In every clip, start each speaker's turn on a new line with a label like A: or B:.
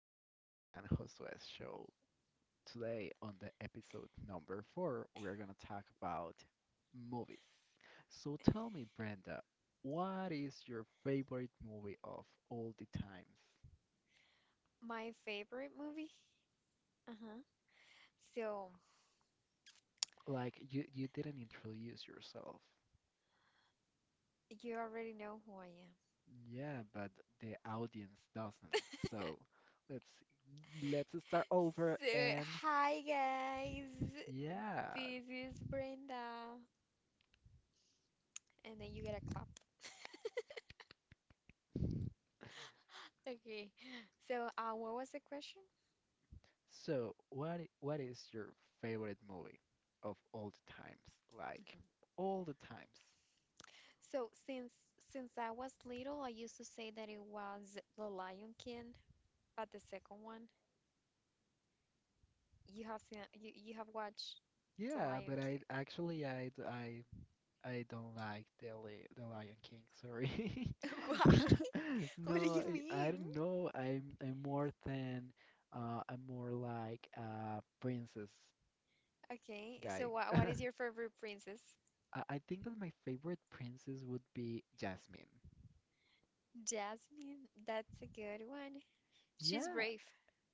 A: Brenda's and Josue's show. Today, on the episode number four, we're going to talk about movies. So tell me, Brenda, what is your favorite movie of all the times?
B: My favorite movie? Uh-huh. So,
A: Like, you didn't introduce yourself.
B: you already know who I am.
A: Yeah, but the audience doesn't. So let's let's start over
B: So,
A: and
B: hi guys.
A: yeah,
B: This is Brenda. And then you get a clap. Okay. So, what was the question?
A: So, what is your favorite movie of all the times? Like
B: Mhm.
A: all the times.
B: So, since I was little, I used to say that it was The Lion King, but the second one, you have seen, you have watched The
A: Yeah,
B: Lion
A: but
B: King.
A: I don't like the the Lion King. Sorry.
B: Why? What do
A: No,
B: you
A: I
B: mean?
A: don't know. I'm more than I'm more like a princess
B: Okay, so
A: guy.
B: what what is your favorite princess?
A: I think that my favorite princess would be Jasmine.
B: Jasmine. That's a good one. She's
A: Yeah,
B: brave.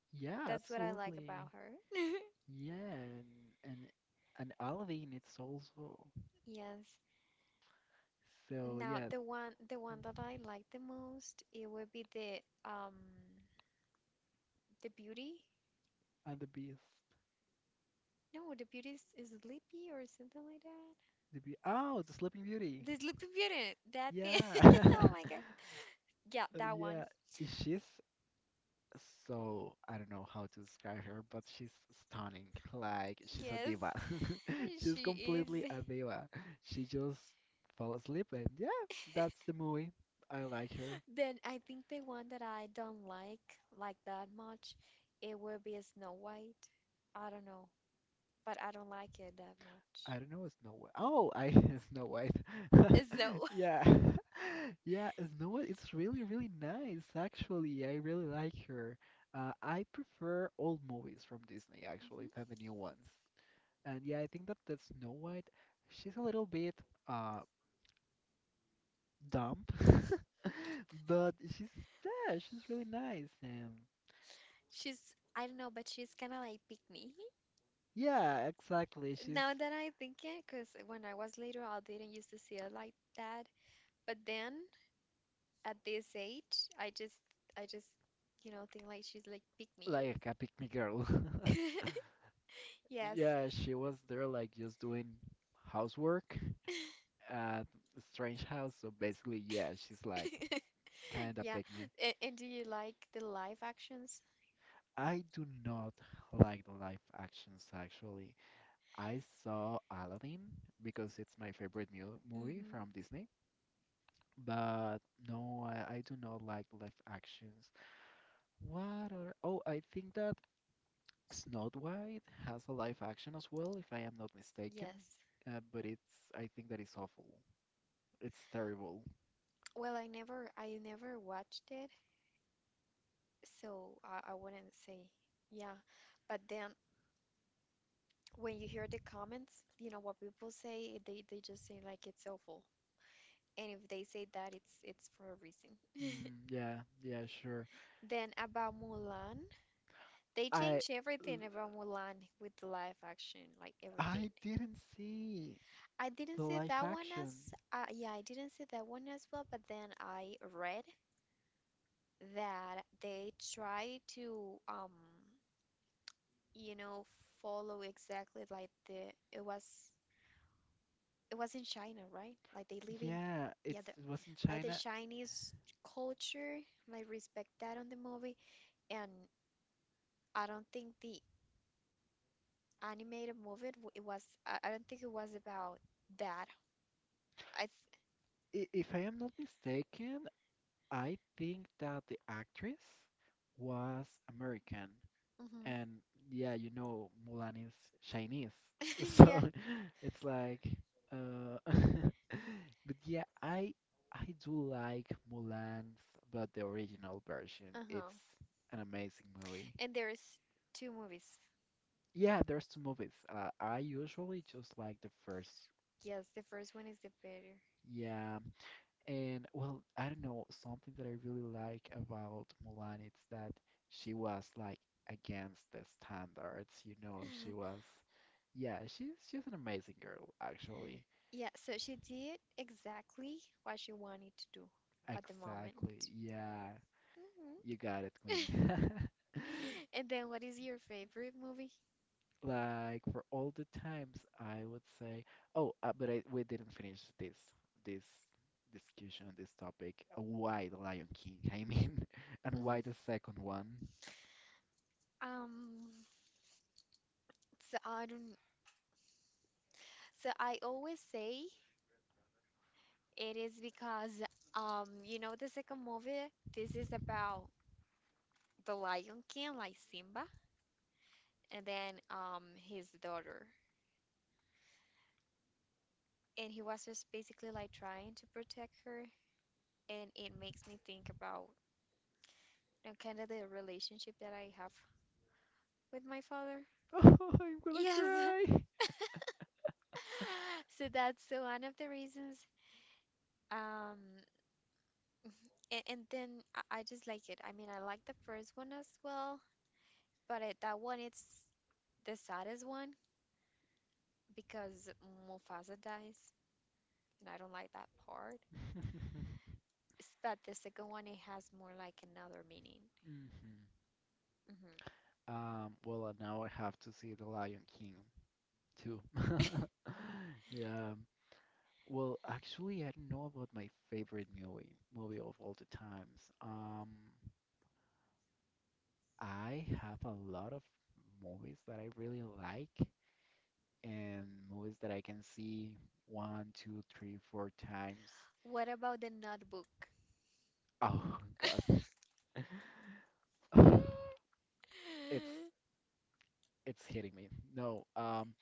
A: yeah,
B: That's what I like
A: absolutely.
B: about her.
A: Yeah, and and Olive it's also.
B: Yes.
A: So
B: Now
A: yeah,
B: the one the
A: mm,
B: one that I like the most it would be the the beauty.
A: and the Beast,
B: No, the beauty is Sleepy or something like that.
A: the Beast. Oh, the Sleeping Beauty.
B: The Sleepy Beauty. That thing.
A: Yeah,
B: Oh my God. Yeah, that one.
A: Yeah. She's so I don't know how to describe her, but she's stunning. Like she's a
B: Yes.
A: diva. She's
B: She
A: completely
B: is.
A: a diva. She just fell asleep, and yeah, that's the movie. I like her.
B: Then I think the one that I don't like that much, it would be a Snow White. I don't know, but I don't like it that much.
A: I don't know Snow White. Oh, I Snow White.
B: Snow.
A: Yeah. Yeah, Snow White is really, really nice, actually. I really like her. I prefer old movies from Disney,
B: Mhm.
A: actually, than the new ones. And yeah, I think that Snow White, she's a little bit uh dumb, but she's yeah, she's really nice and
B: She's, I don't know, but she's kind of like pick me.
A: yeah, exactly. She's
B: Now that I think it, because when I was little, I didn't used to see her like that. But then at this age, I just think like she's like pick me.
A: like a pick me girl.
B: Yes.
A: Yeah, she was there like just doing housework at strange house. So basically, yeah, she's like kind of
B: Yeah.
A: pick me.
B: And do you like the live actions?
A: I do not like the live actions actually. I saw Aladdin because it's my favorite mu movie
B: Mm-hmm.
A: from Disney. But no, I do not like live actions. What are, oh, I think that Snow White has a live action as well, if I am not mistaken.
B: Yes.
A: Uh, but it's, I think that is awful. It's terrible.
B: Well, I never watched it, so I wouldn't say. Yeah. But then when you hear the comments, you know what people say, they just say like it's awful. And if they say that, it's for a reason.
A: Mm, yeah, yeah, sure.
B: Then about Mulan, they
A: I
B: changed everything about Mulan with the live action, like everything.
A: I didn't see
B: I
A: the
B: didn't see
A: live
B: that one
A: action.
B: as. Yeah, I didn't see that one as well, but then I read that they try to, you know, follow exactly like the, it was in China, right? Like they live in,
A: Yeah,
B: yeah, the,
A: it was in
B: like the
A: China.
B: Chinese culture, like respect that on the movie. And I don't think the animated movie. It was I don't think it was about that. I th-
A: I, if I am not mistaken, I think that the actress was American,
B: hmm
A: and yeah, you know, Mulan is Chinese,
B: yeah.
A: so it's like, uh, but yeah, I do like Mulan, but the original version.
B: Uh-huh.
A: It's an amazing movie.
B: And there's two movies.
A: Yeah, there's two movies. I usually just like the first.
B: Yes, the first one is the better.
A: Yeah, and well, I don't know, something that I really like about Mulan, it's that she was like against the standards, you know, she was yeah, she's an amazing girl, actually.
B: Yeah, so she did exactly what she wanted to do at the
A: Exactly.
B: moment.
A: Yeah.
B: Hmm
A: You got it, Queen.
B: And then what is your favorite movie?
A: Like for all the times, I would say, oh, we didn't finish this discussion, this topic. Why the Lion King? I mean, and why
B: Hmm
A: the second one?
B: Um, so I don't, so I always say it is because, you know, the second movie, this is about the Lion King, like Simba, and then, his daughter. And he was just basically like trying to protect her, and it makes me think about kind of the relationship that I have with my father.
A: Oh, I'm gonna
B: Yes.
A: cry.
B: So that's one of the reasons. Um, and then I just like it. I mean, I like the first one as well. That one, it's the saddest one because Mufasa dies, and I don't like that part. But the second one, it has more like another meaning.
A: Mhm.
B: Hmm
A: Now I have to see The Lion King too. Yeah. um, Well, actually, I don't know about my favorite movie of all the times. I have a lot of movies that I really like and movies that I can see one, two, three, four times.
B: What about the notebook?
A: Oh God. It's it's hitting me. No,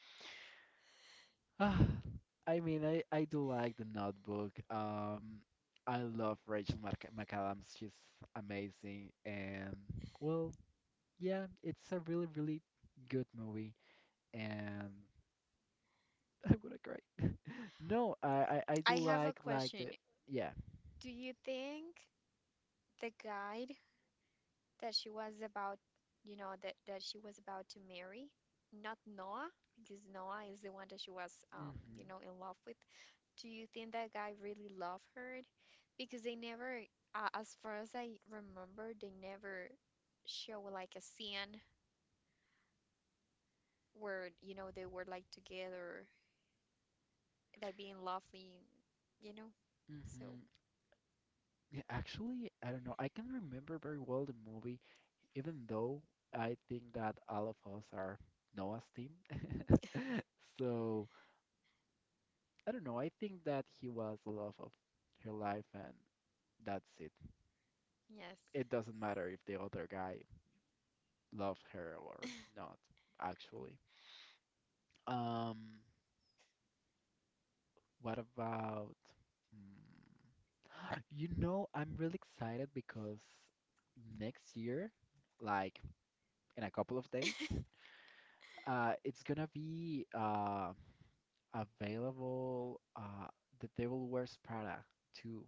A: I mean I do like The Notebook. I love Rachel Mac McAdams. She's amazing and well, yeah, it's a really good movie and I would cry. No, I do
B: I have a
A: like the
B: question.
A: yeah.
B: Do you think the guide that she was about, you know, that she was about to marry, not Noah, because Noah is the one that she was, you
A: Mhm.
B: know, in love with, Do you think that guy really loved her? Because they never, as far as I remember, they never show like a scene where, you know, they were like together, like being lovely, you know? So,
A: Mhm. Yeah, actually, I don't know. I can remember very well the movie, even though I think that all of us are Noah's team. So, I don't know. I think that he was the love of her life and that's it.
B: yes.
A: It doesn't matter if the other guy loved her or not, actually. Um, what about mm, you know, I'm really excited because next year, like in a couple of days, it's gonna be available The Devil Wears Prada too.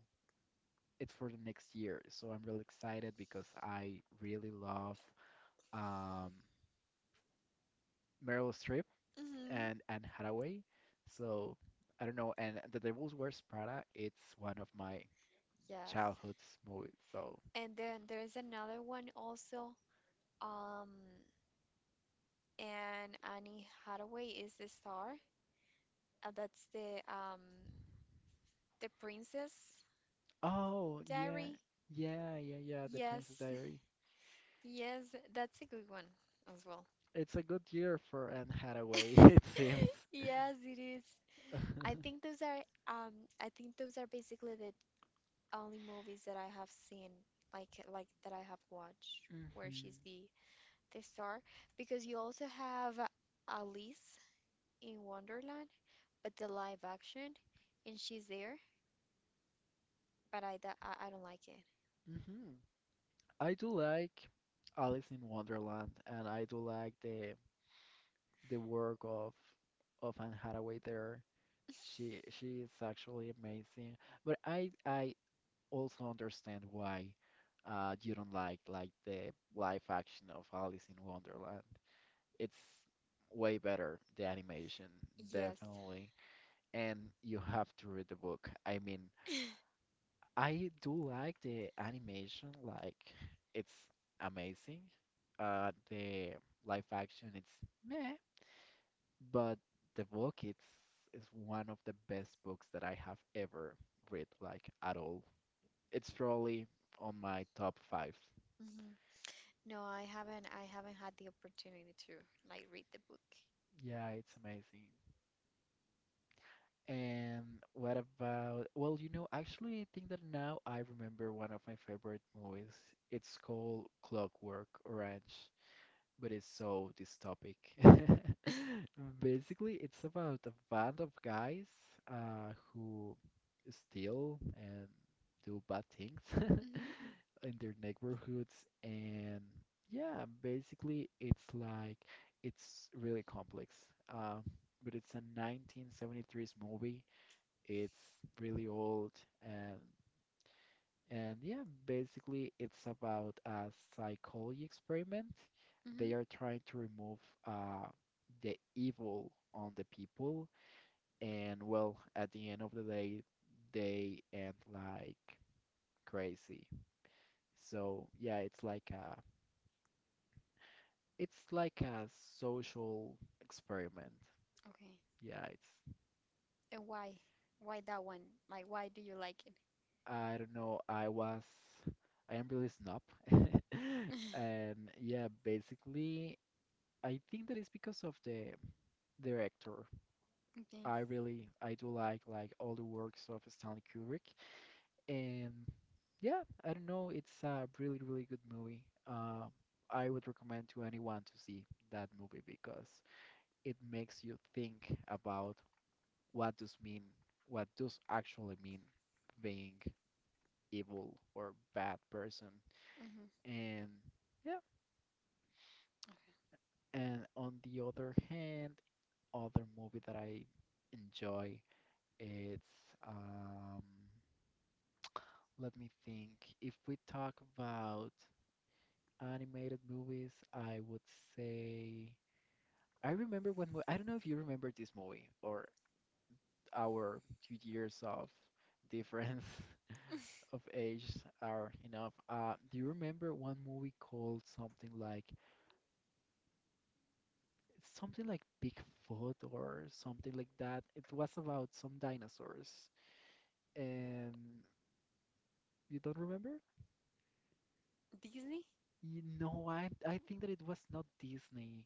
A: It's for the next year, so I'm really excited because I really love um, Meryl Streep
B: Mm-hmm.
A: and Anne Hathaway. So I don't know, and The Devil Wears Prada, it's one of my
B: Yes.
A: childhood's movies, so
B: And then there's another one also. Um, and Annie Hathaway is the star. That's the The Princess
A: Oh, yeah.
B: Diary?
A: Yeah, yeah, yeah, The
B: Yes,
A: Princess Diary.
B: yes, that's a good one as well.
A: It's a good year for Anne Hathaway, it seems.
B: Yes, it is. I
A: hmm
B: think those are um I think those are basically the only movies that I have seen like that I have watched where she's the star because you also have Alice in Wonderland but the live action and she's there but I don't like it.
A: hmm I do like Alice in Wonderland, and I do like the work of Anne Hathaway there. She is actually amazing, but I also understand why you don't like the live action of Alice in Wonderland. It's way better, the animation,
B: Yes.
A: definitely. And you have to read the book. I mean, I do like the animation, like it's amazing. The live action, it's meh, but the book, it's is one of the best books that I have ever read, like at all. It's probably on my top five.
B: Mm-hmm. No, I haven't. I haven't had the opportunity to like read the book.
A: Yeah, it's amazing. And what about, well, you know, actually, I think that now I remember one of my favorite movies. It's called Clockwork Orange, but it's so dystopic. Basically, it's about a band of guys who steal and do bad things
B: Mm-hmm.
A: in their neighborhoods. And yeah, basically, it's really complex. Uh, but it's a 1973 movie it's really old and yeah, basically it's about a psychology experiment.
B: Mm-hmm.
A: They are trying to remove uh, the evil on the people, and well, at the end of the day, they end like crazy. So yeah, it's like a social experiment.
B: Okay.
A: Yeah, it's
B: And why? Why that one? Like, why do you like it?
A: I don't know. I am really snob, and yeah, basically, I think that is because of the director.
B: Okay.
A: I do like all the works of Stanley Kubrick, and yeah, I don't know. It's a really, really good movie. Uh, I would recommend to anyone to see that movie because it makes you think about what does mean, what does actually mean being evil or bad person.
B: Mm-hmm.
A: And yeah,
B: Okay.
A: and on the other hand, other movie that I enjoy, it's um, let me think. If we talk about animated movies, I would say I remember when I don't know if you remember this movie or our 2 years of difference of age are enough. Do you remember one movie called something like Bigfoot or something like that. It was about some dinosaurs. And you don't remember?
B: Disney?
A: No, I think that it was not Disney.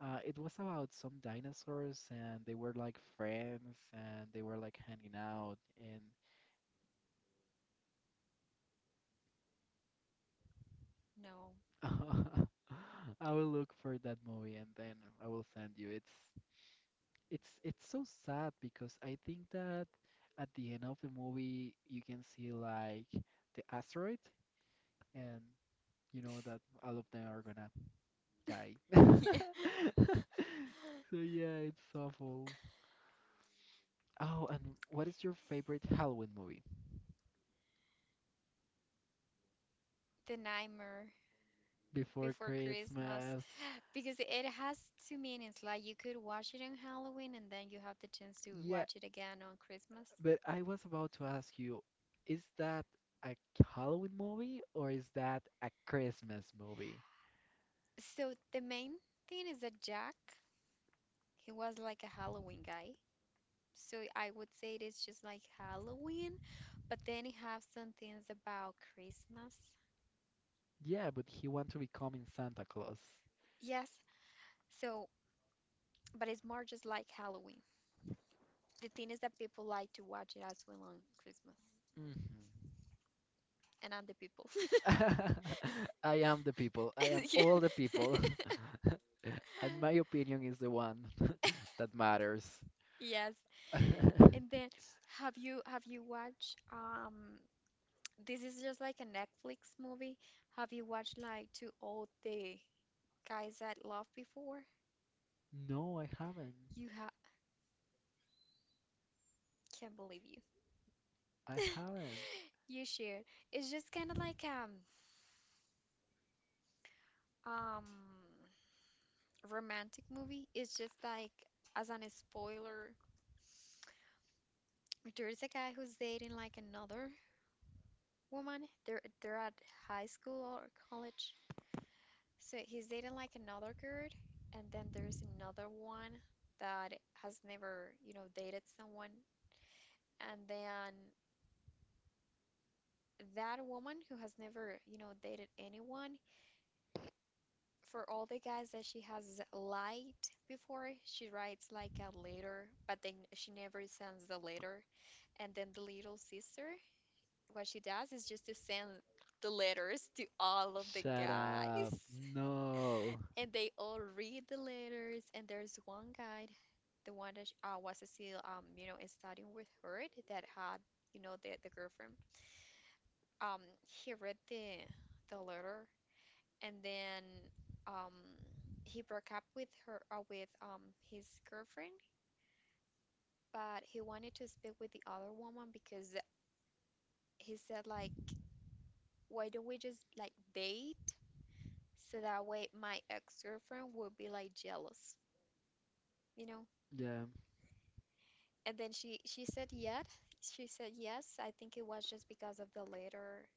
A: It was about some dinosaurs and they were like friends and they were like hanging out and
B: No.
A: I will look for that movie and then I will send you. It's so sad because I think that at the end of the movie you can see like the asteroid and you know that all of them are gonna die.
B: Yeah.
A: So yeah, it's awful. Oh, and what is your favorite Halloween movie?
B: The Nightmare
A: Before
B: Before Christmas.
A: Christmas.
B: Because it has two meanings. Like you could watch it on Halloween and then you have the chance to
A: Yeah,
B: watch it again on Christmas.
A: but I was about to ask you, is that a Halloween movie or is that a Christmas movie?
B: So the main thing is that Jack, he was like a Halloween guy. So I would say it is just like Halloween, but then you have some things about Christmas.
A: Yeah, but he wants to becoming Santa Claus.
B: Yes. So, but it's more just like Halloween. The thing is that people like to watch it as well on Christmas
A: Hmm.
B: and on the people.
A: I am the people. I am
B: Yeah.
A: all the people. And my opinion is the one that matters.
B: Yes. And then have you watched this is just like a Netflix movie. Have you watched like two old the guys that love before?
A: No, I haven't.
B: You ha can't believe you.
A: I haven't.
B: You should. It's just kind of like um romantic movie. It's just like as an spoiler, there's a guy who's dating like another woman. They're at high school or college So he's dating like another girl, and then there's another one that has never, you know, dated someone. And then that woman who has never, you know, dated anyone, for all the guys that she has lied before, she writes like a letter, but then she never sends the letter. And then the little sister, what she does is just to send the letters to all of the
A: Shut up.
B: guys.
A: No.
B: And they all read the letters. And there's one guy, the one that was still, you know, studying with her that had, you know, the girlfriend. He read the letter, and then um, he broke up with her, with his girlfriend. But he wanted to speak with the other woman because he said like, why don't we just like date? So that way my ex-girlfriend would be like jealous, you know?
A: Yeah.
B: And then she said yes. She said yes. I think it was just because of the letter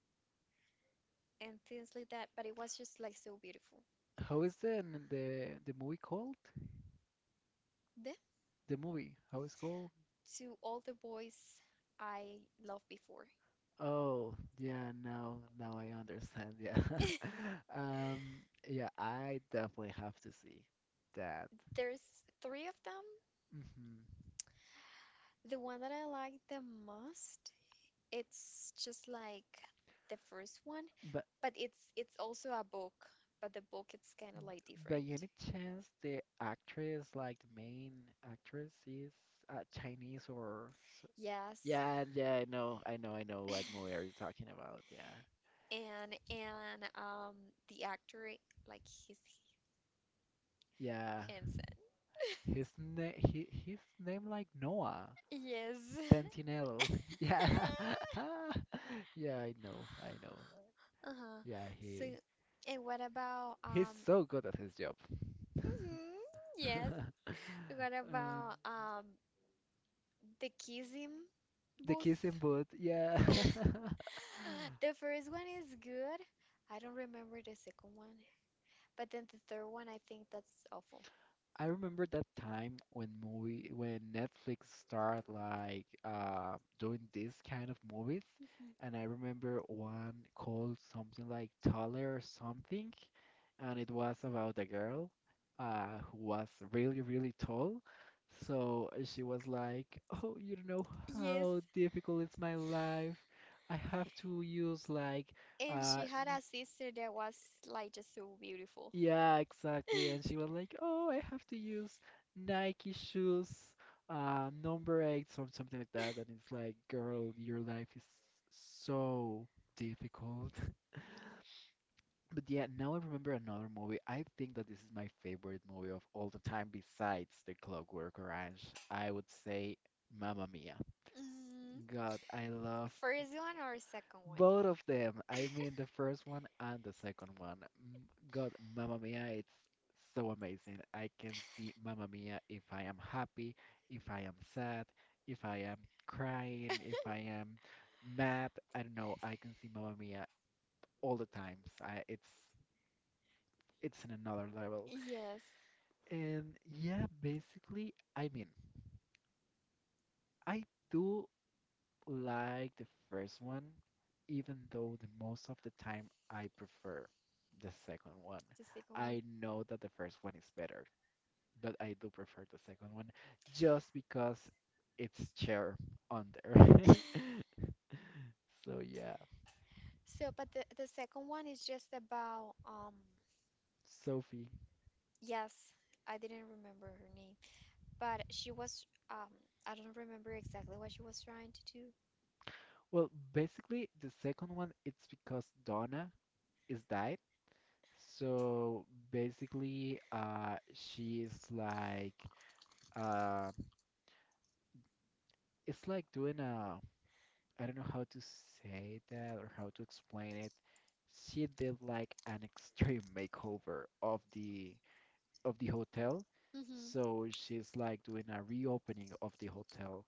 B: and things like that, but it was just like so beautiful.
A: How is the the movie called?
B: Then
A: The movie. How is called?
B: to all the boys I loved before.
A: Oh, yeah, now I understand. Yeah. Um, yeah, I definitely have to see that.
B: There's three of them.
A: Hmm.
B: The one that I like the most, it's just like the first one,
A: But
B: but it's also a book, but the book it's kind of like
A: by
B: different.
A: any chance the actress, like the main actress is Chinese or
B: Yes.
A: yeah, I know what movie are you talking about. Yeah,
B: And the actor like he's
A: yeah.
B: handsome.
A: His name, his name like Noah
B: Yes.
A: Centinelo. Yeah, yeah, I know.
B: Uh-huh.
A: Yeah,
B: So and what about
A: he's so good at his job.
B: mhm, yes. What
A: Um,
B: about the kissing
A: the
B: booth?
A: kissing booth. Yeah,
B: The first one is good. I don't remember the second one. But then the third one, I think that's awful.
A: I remember that time when movie when Netflix started like doing this kind of movies,
B: Mhm.
A: and I remember one called something like Taller or something, and it was about a girl who was really really tall. So she was like, "Oh, you don't know
B: Yes.
A: how difficult is my life. I have to use like
B: And
A: uh."
B: she had a sister that was like just so beautiful.
A: Yeah, exactly. And she was like, "Oh, I have to use Nike shoes, number 8, or something like that." And it's like, "Girl, your life is so difficult." But yeah, now I remember another movie. I think that this is my favorite movie of all the time, besides The Clockwork Orange. I would say Mamma Mia.
B: Mhm.
A: God, I love
B: First one or second one?
A: Both of them, I mean the first one and the second one. God, Mamma Mia, it's so amazing. I can see Mamma Mia if I am happy, if I am sad, if I am crying, if I am mad. I don't know. I can see Mamma Mia all the times. It's in another level.
B: Yes,
A: And yeah, basically, I mean, I do like the first one, even though the most of the time I prefer the second one.
B: the second one.
A: I know that the first one is better, but I do prefer the second one just because it's chair on there. So yeah,
B: So, but the second one is just about
A: Sophie.
B: yes, I didn't remember her name. But she was, I don't remember exactly what she was trying to do.
A: Well, basically the second one it's because Donna is died. So basically, she is like, uh, it's like doing a I don't know how to say that or how to explain it. She did like an extreme makeover of the hotel.
B: Hmm
A: So she's like doing a reopening of the hotel,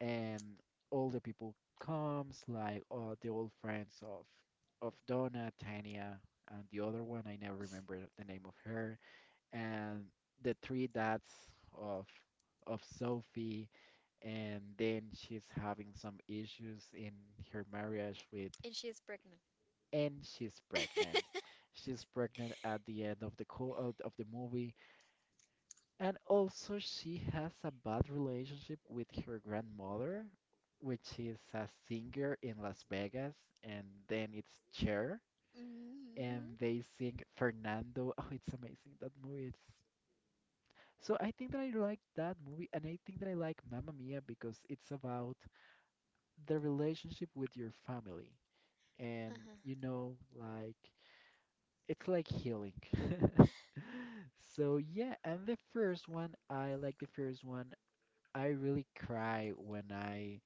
A: and all the people comes, like all the old friends of Donna, Tanya, and the other one, I never remember the name of her, and the three dads of of Sophie, and then she's having some issues in her marriage with,
B: And she is pregnant.
A: and she's pregnant. She's pregnant at the end of the co out of the movie, and also she has a bad relationship with her grandmother, which is a singer in Las Vegas, and then it's Cher,
B: Hmm
A: and they sing Fernando. Oh, it's amazing. That movie is. So I think that I like that movie, and I think that I like Mamma Mia because it's about the relationship with your family and
B: Uh-huh.
A: like it's like healing. So yeah, and the first one, I like the first one. I really cry when I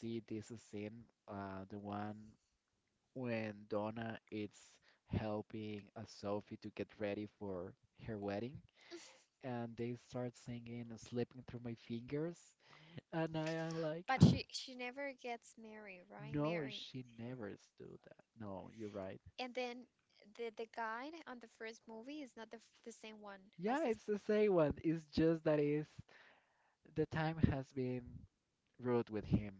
A: see this scene, the one when Donna is helping Sophie to get ready for her wedding, and they start singing Slipping Through My Fingers, and I am like…
B: But she never gets married, right?
A: No,
B: Mary.
A: she never do that. No, you're right.
B: And then the guy on the first movie is not the same one as
A: Yeah,
B: this.
A: it's the same one. It's just that is the time has been rude with him.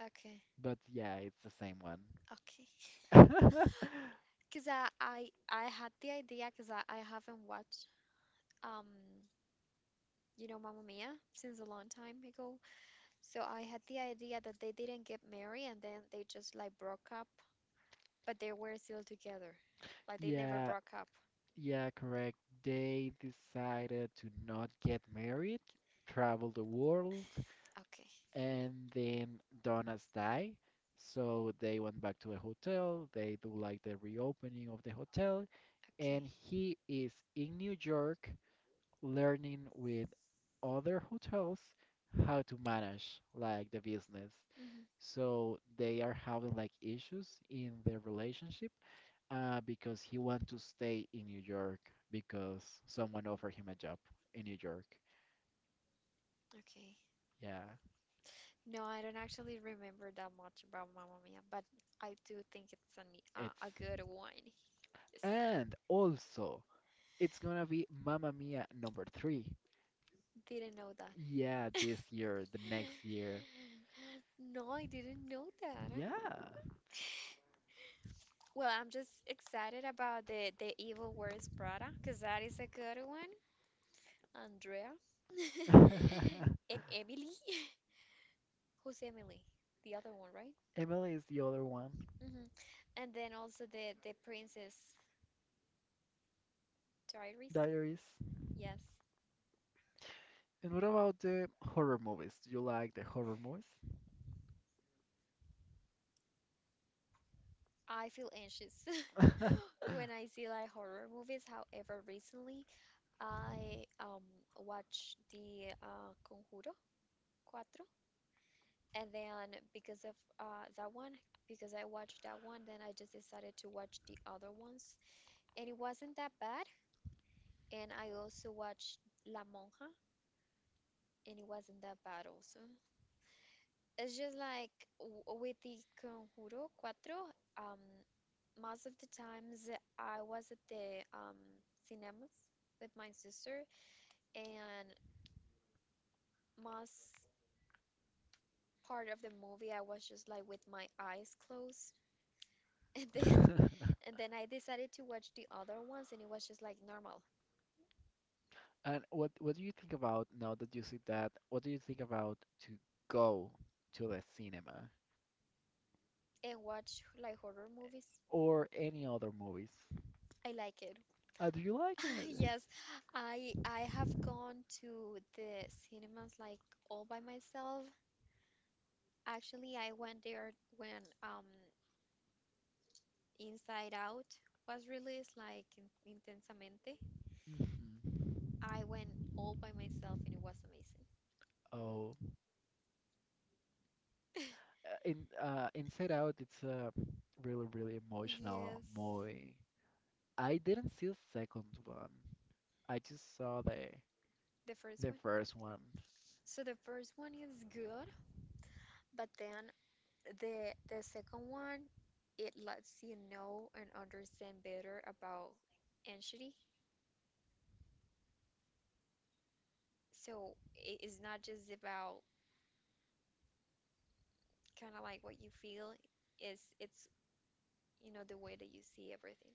B: Okay,
A: But yeah, it's the same one.
B: okay. Cause I had the idea, cause I haven't watched um you know Mamma Mia since a long time ago. So I had the idea that they didn't get married and then they just like broke up, but they were still together. Like they never
A: Yeah,
B: broke up.
A: yeah, correct. They decided to not get married, travel the world,
B: Okay,
A: and then Donna's die. So they went back to a hotel. They do like the reopening of the hotel,
B: okay.
A: and he is in New York learning with other hotels how to manage like the business.
B: hmm
A: So they are having like issues in their relationship, because he want to stay in New York because someone offered him a job in New York.
B: Okay.
A: Yeah,
B: No, I don't actually remember that much about Mamma Mia, but I do think it's
A: it's
B: a good one. Yes.
A: and also it's gonna be Mamma Mia number three.
B: Didn't know that.
A: Yeah, this year, the next year.
B: No, I didn't know that.
A: Yeah.
B: Huh? Well, I'm just excited about the Evil Wears cause that is a good one. Andrea, and Emily. Who's Emily? The other one, right?
A: Emily is the other one.
B: hmm And then also the Princess Diaries.
A: Diaries.
B: Yes,
A: And what about the horror movies? Do you like the horror movies?
B: I feel anxious when I see like horror movies. However, recently I watched the Conjuro cuatro, and then because of that one, because I watched that one, then I just decided to watch the other ones, and it wasn't that bad. And I also watched La Monja. And it wasn't that bad also. It's just like with the Conjuro Cuatro. um, most of the times I was at the cinemas with my sister, and most part of the movie I was just like with my eyes closed. And then and then I decided to watch the other ones and it was just like normal.
A: And what do you think about now that you see that? What do you think about to go to the cinema
B: And watch like horror movies.
A: or any other movies?
B: I like it.
A: Do you like it?
B: Yes, I have gone to the cinemas like all by myself. Actually, I went there when Inside Out was released, like in, Intensamente.
A: Mhm.
B: I went all by myself and it was amazing.
A: Oh, in Inside Out, it's a really really
B: Yes,
A: emotional movie. I didn't see the second one. I just saw
B: the first one.
A: the first one.
B: So the first one is good, but then the second one, it lets you know and understand better about anxiety. So it is not just about kind of like what you feel, is it's you know the way that you see everything.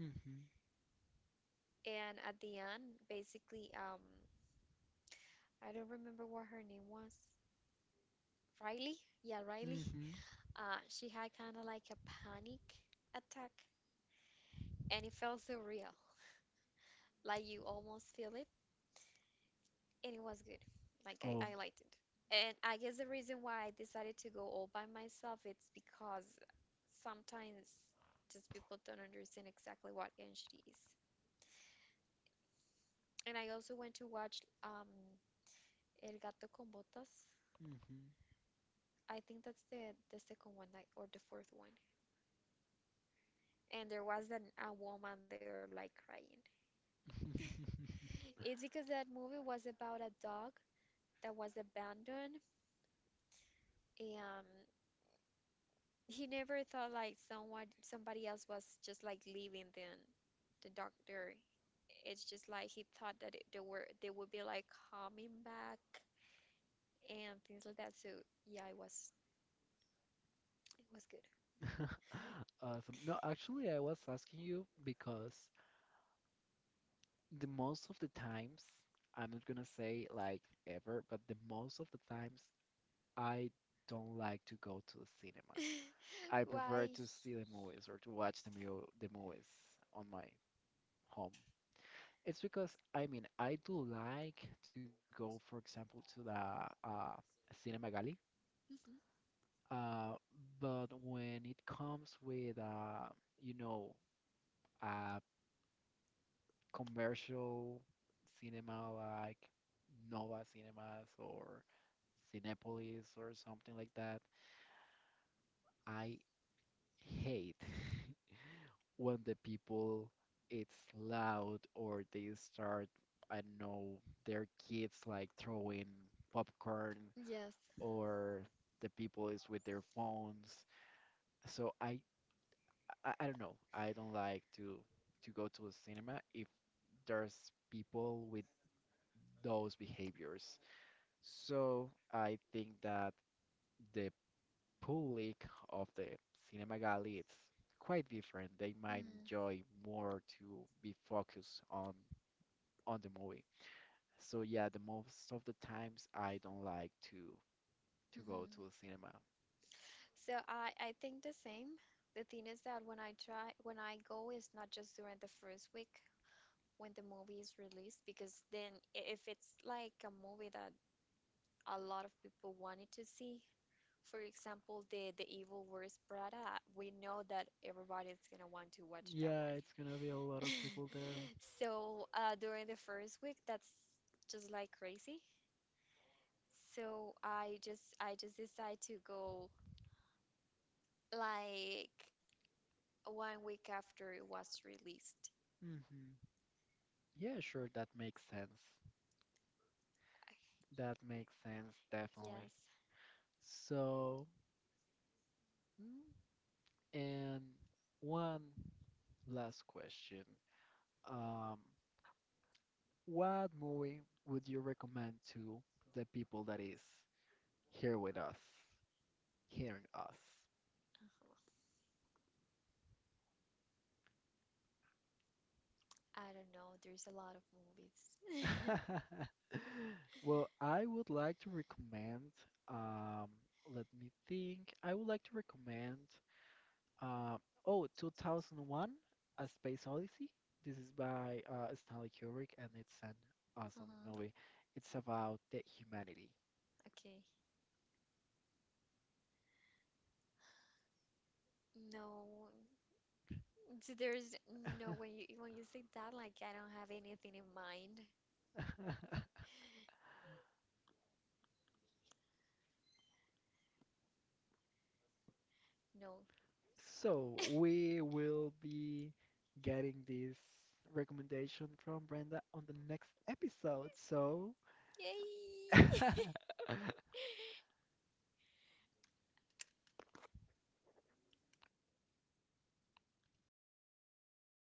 A: Hmm.
B: And at the end, basically, I don't remember what her name was. Riley? Yeah, Riley.
A: Mm-hmm.
B: She had kind of like a panic attack, and it felt so real. Like you almost feel it and it was good. Like
A: Oh.
B: I liked it. And I guess the reason why I decided to go all by myself it's because sometimes just people don't understand exactly what Enshi is. And I also went to watch El Gato con Botas.
A: Mm-hmm.
B: I think that's the second one like, or the fourth one. And there was a woman there like crying. It's because that movie was about a dog that was abandoned and He never thought like someone somebody else was just like leaving then the doctor. It's just like he thought that it, they were they would be like coming back and things like that. So yeah, it was good.
A: Awesome. No, actually, I was asking you because the most of the times, I'm not gonna say like ever, but the most of the times, I don't like to go to the cinema. I prefer
B: Why?
A: to see the movies or to watch the mu the movies on my home. It's because, I mean, I do like to go, for example, to the uh, Cinema.
B: Mhm.
A: Uh, but when it comes with you know, uh, commercial cinema like Nova Cinemas or Cinepolis or something like that, I hate when the people it's loud or they start, I don't know, their kids like throwing popcorn
B: Yes.
A: or the people is with their phones. So I don't know. I don't like to go to the cinema if there's people with those behaviors. So I think that the public of the cinema galley it's quite different. They might
B: Mm.
A: enjoy more to be focused on the movie. So yeah, the most of the times I don't like to go
B: Mhm.
A: to the cinema.
B: So I think the same. The thing is that when I go, it's not just during the first week. When the movie is released because if it's like a movie that a lot of people wanted to see, for example, the Evil Wears Prada, we know that everybody is gonna want to watch that
A: Yeah,
B: one.
A: it's gonna be a lot of people there.
B: So during the first week, that's just like crazy. So I just decided to go like one week after it was released.
A: Hmm. Yeah, sure, that makes sense. That makes sense,
B: Yes.
A: definitely. So, mm, and one last question. Um, what movie would you recommend to the people that is here with us, hearing us?
B: I don't know. There's a lot of movies.
A: Well, I would like to recommend, um, let me think. I would like to recommend, uh, oh, 2001: A Space Odyssey. This is by Stanley Kubrick, and it's an awesome
B: Uh-huh.
A: movie. It's about the humanity.
B: Okay. No, there's no when you say that, like I don't have anything in mind. No.
A: So we will be getting this recommendation from Brenda on the next episode. So
B: Yay!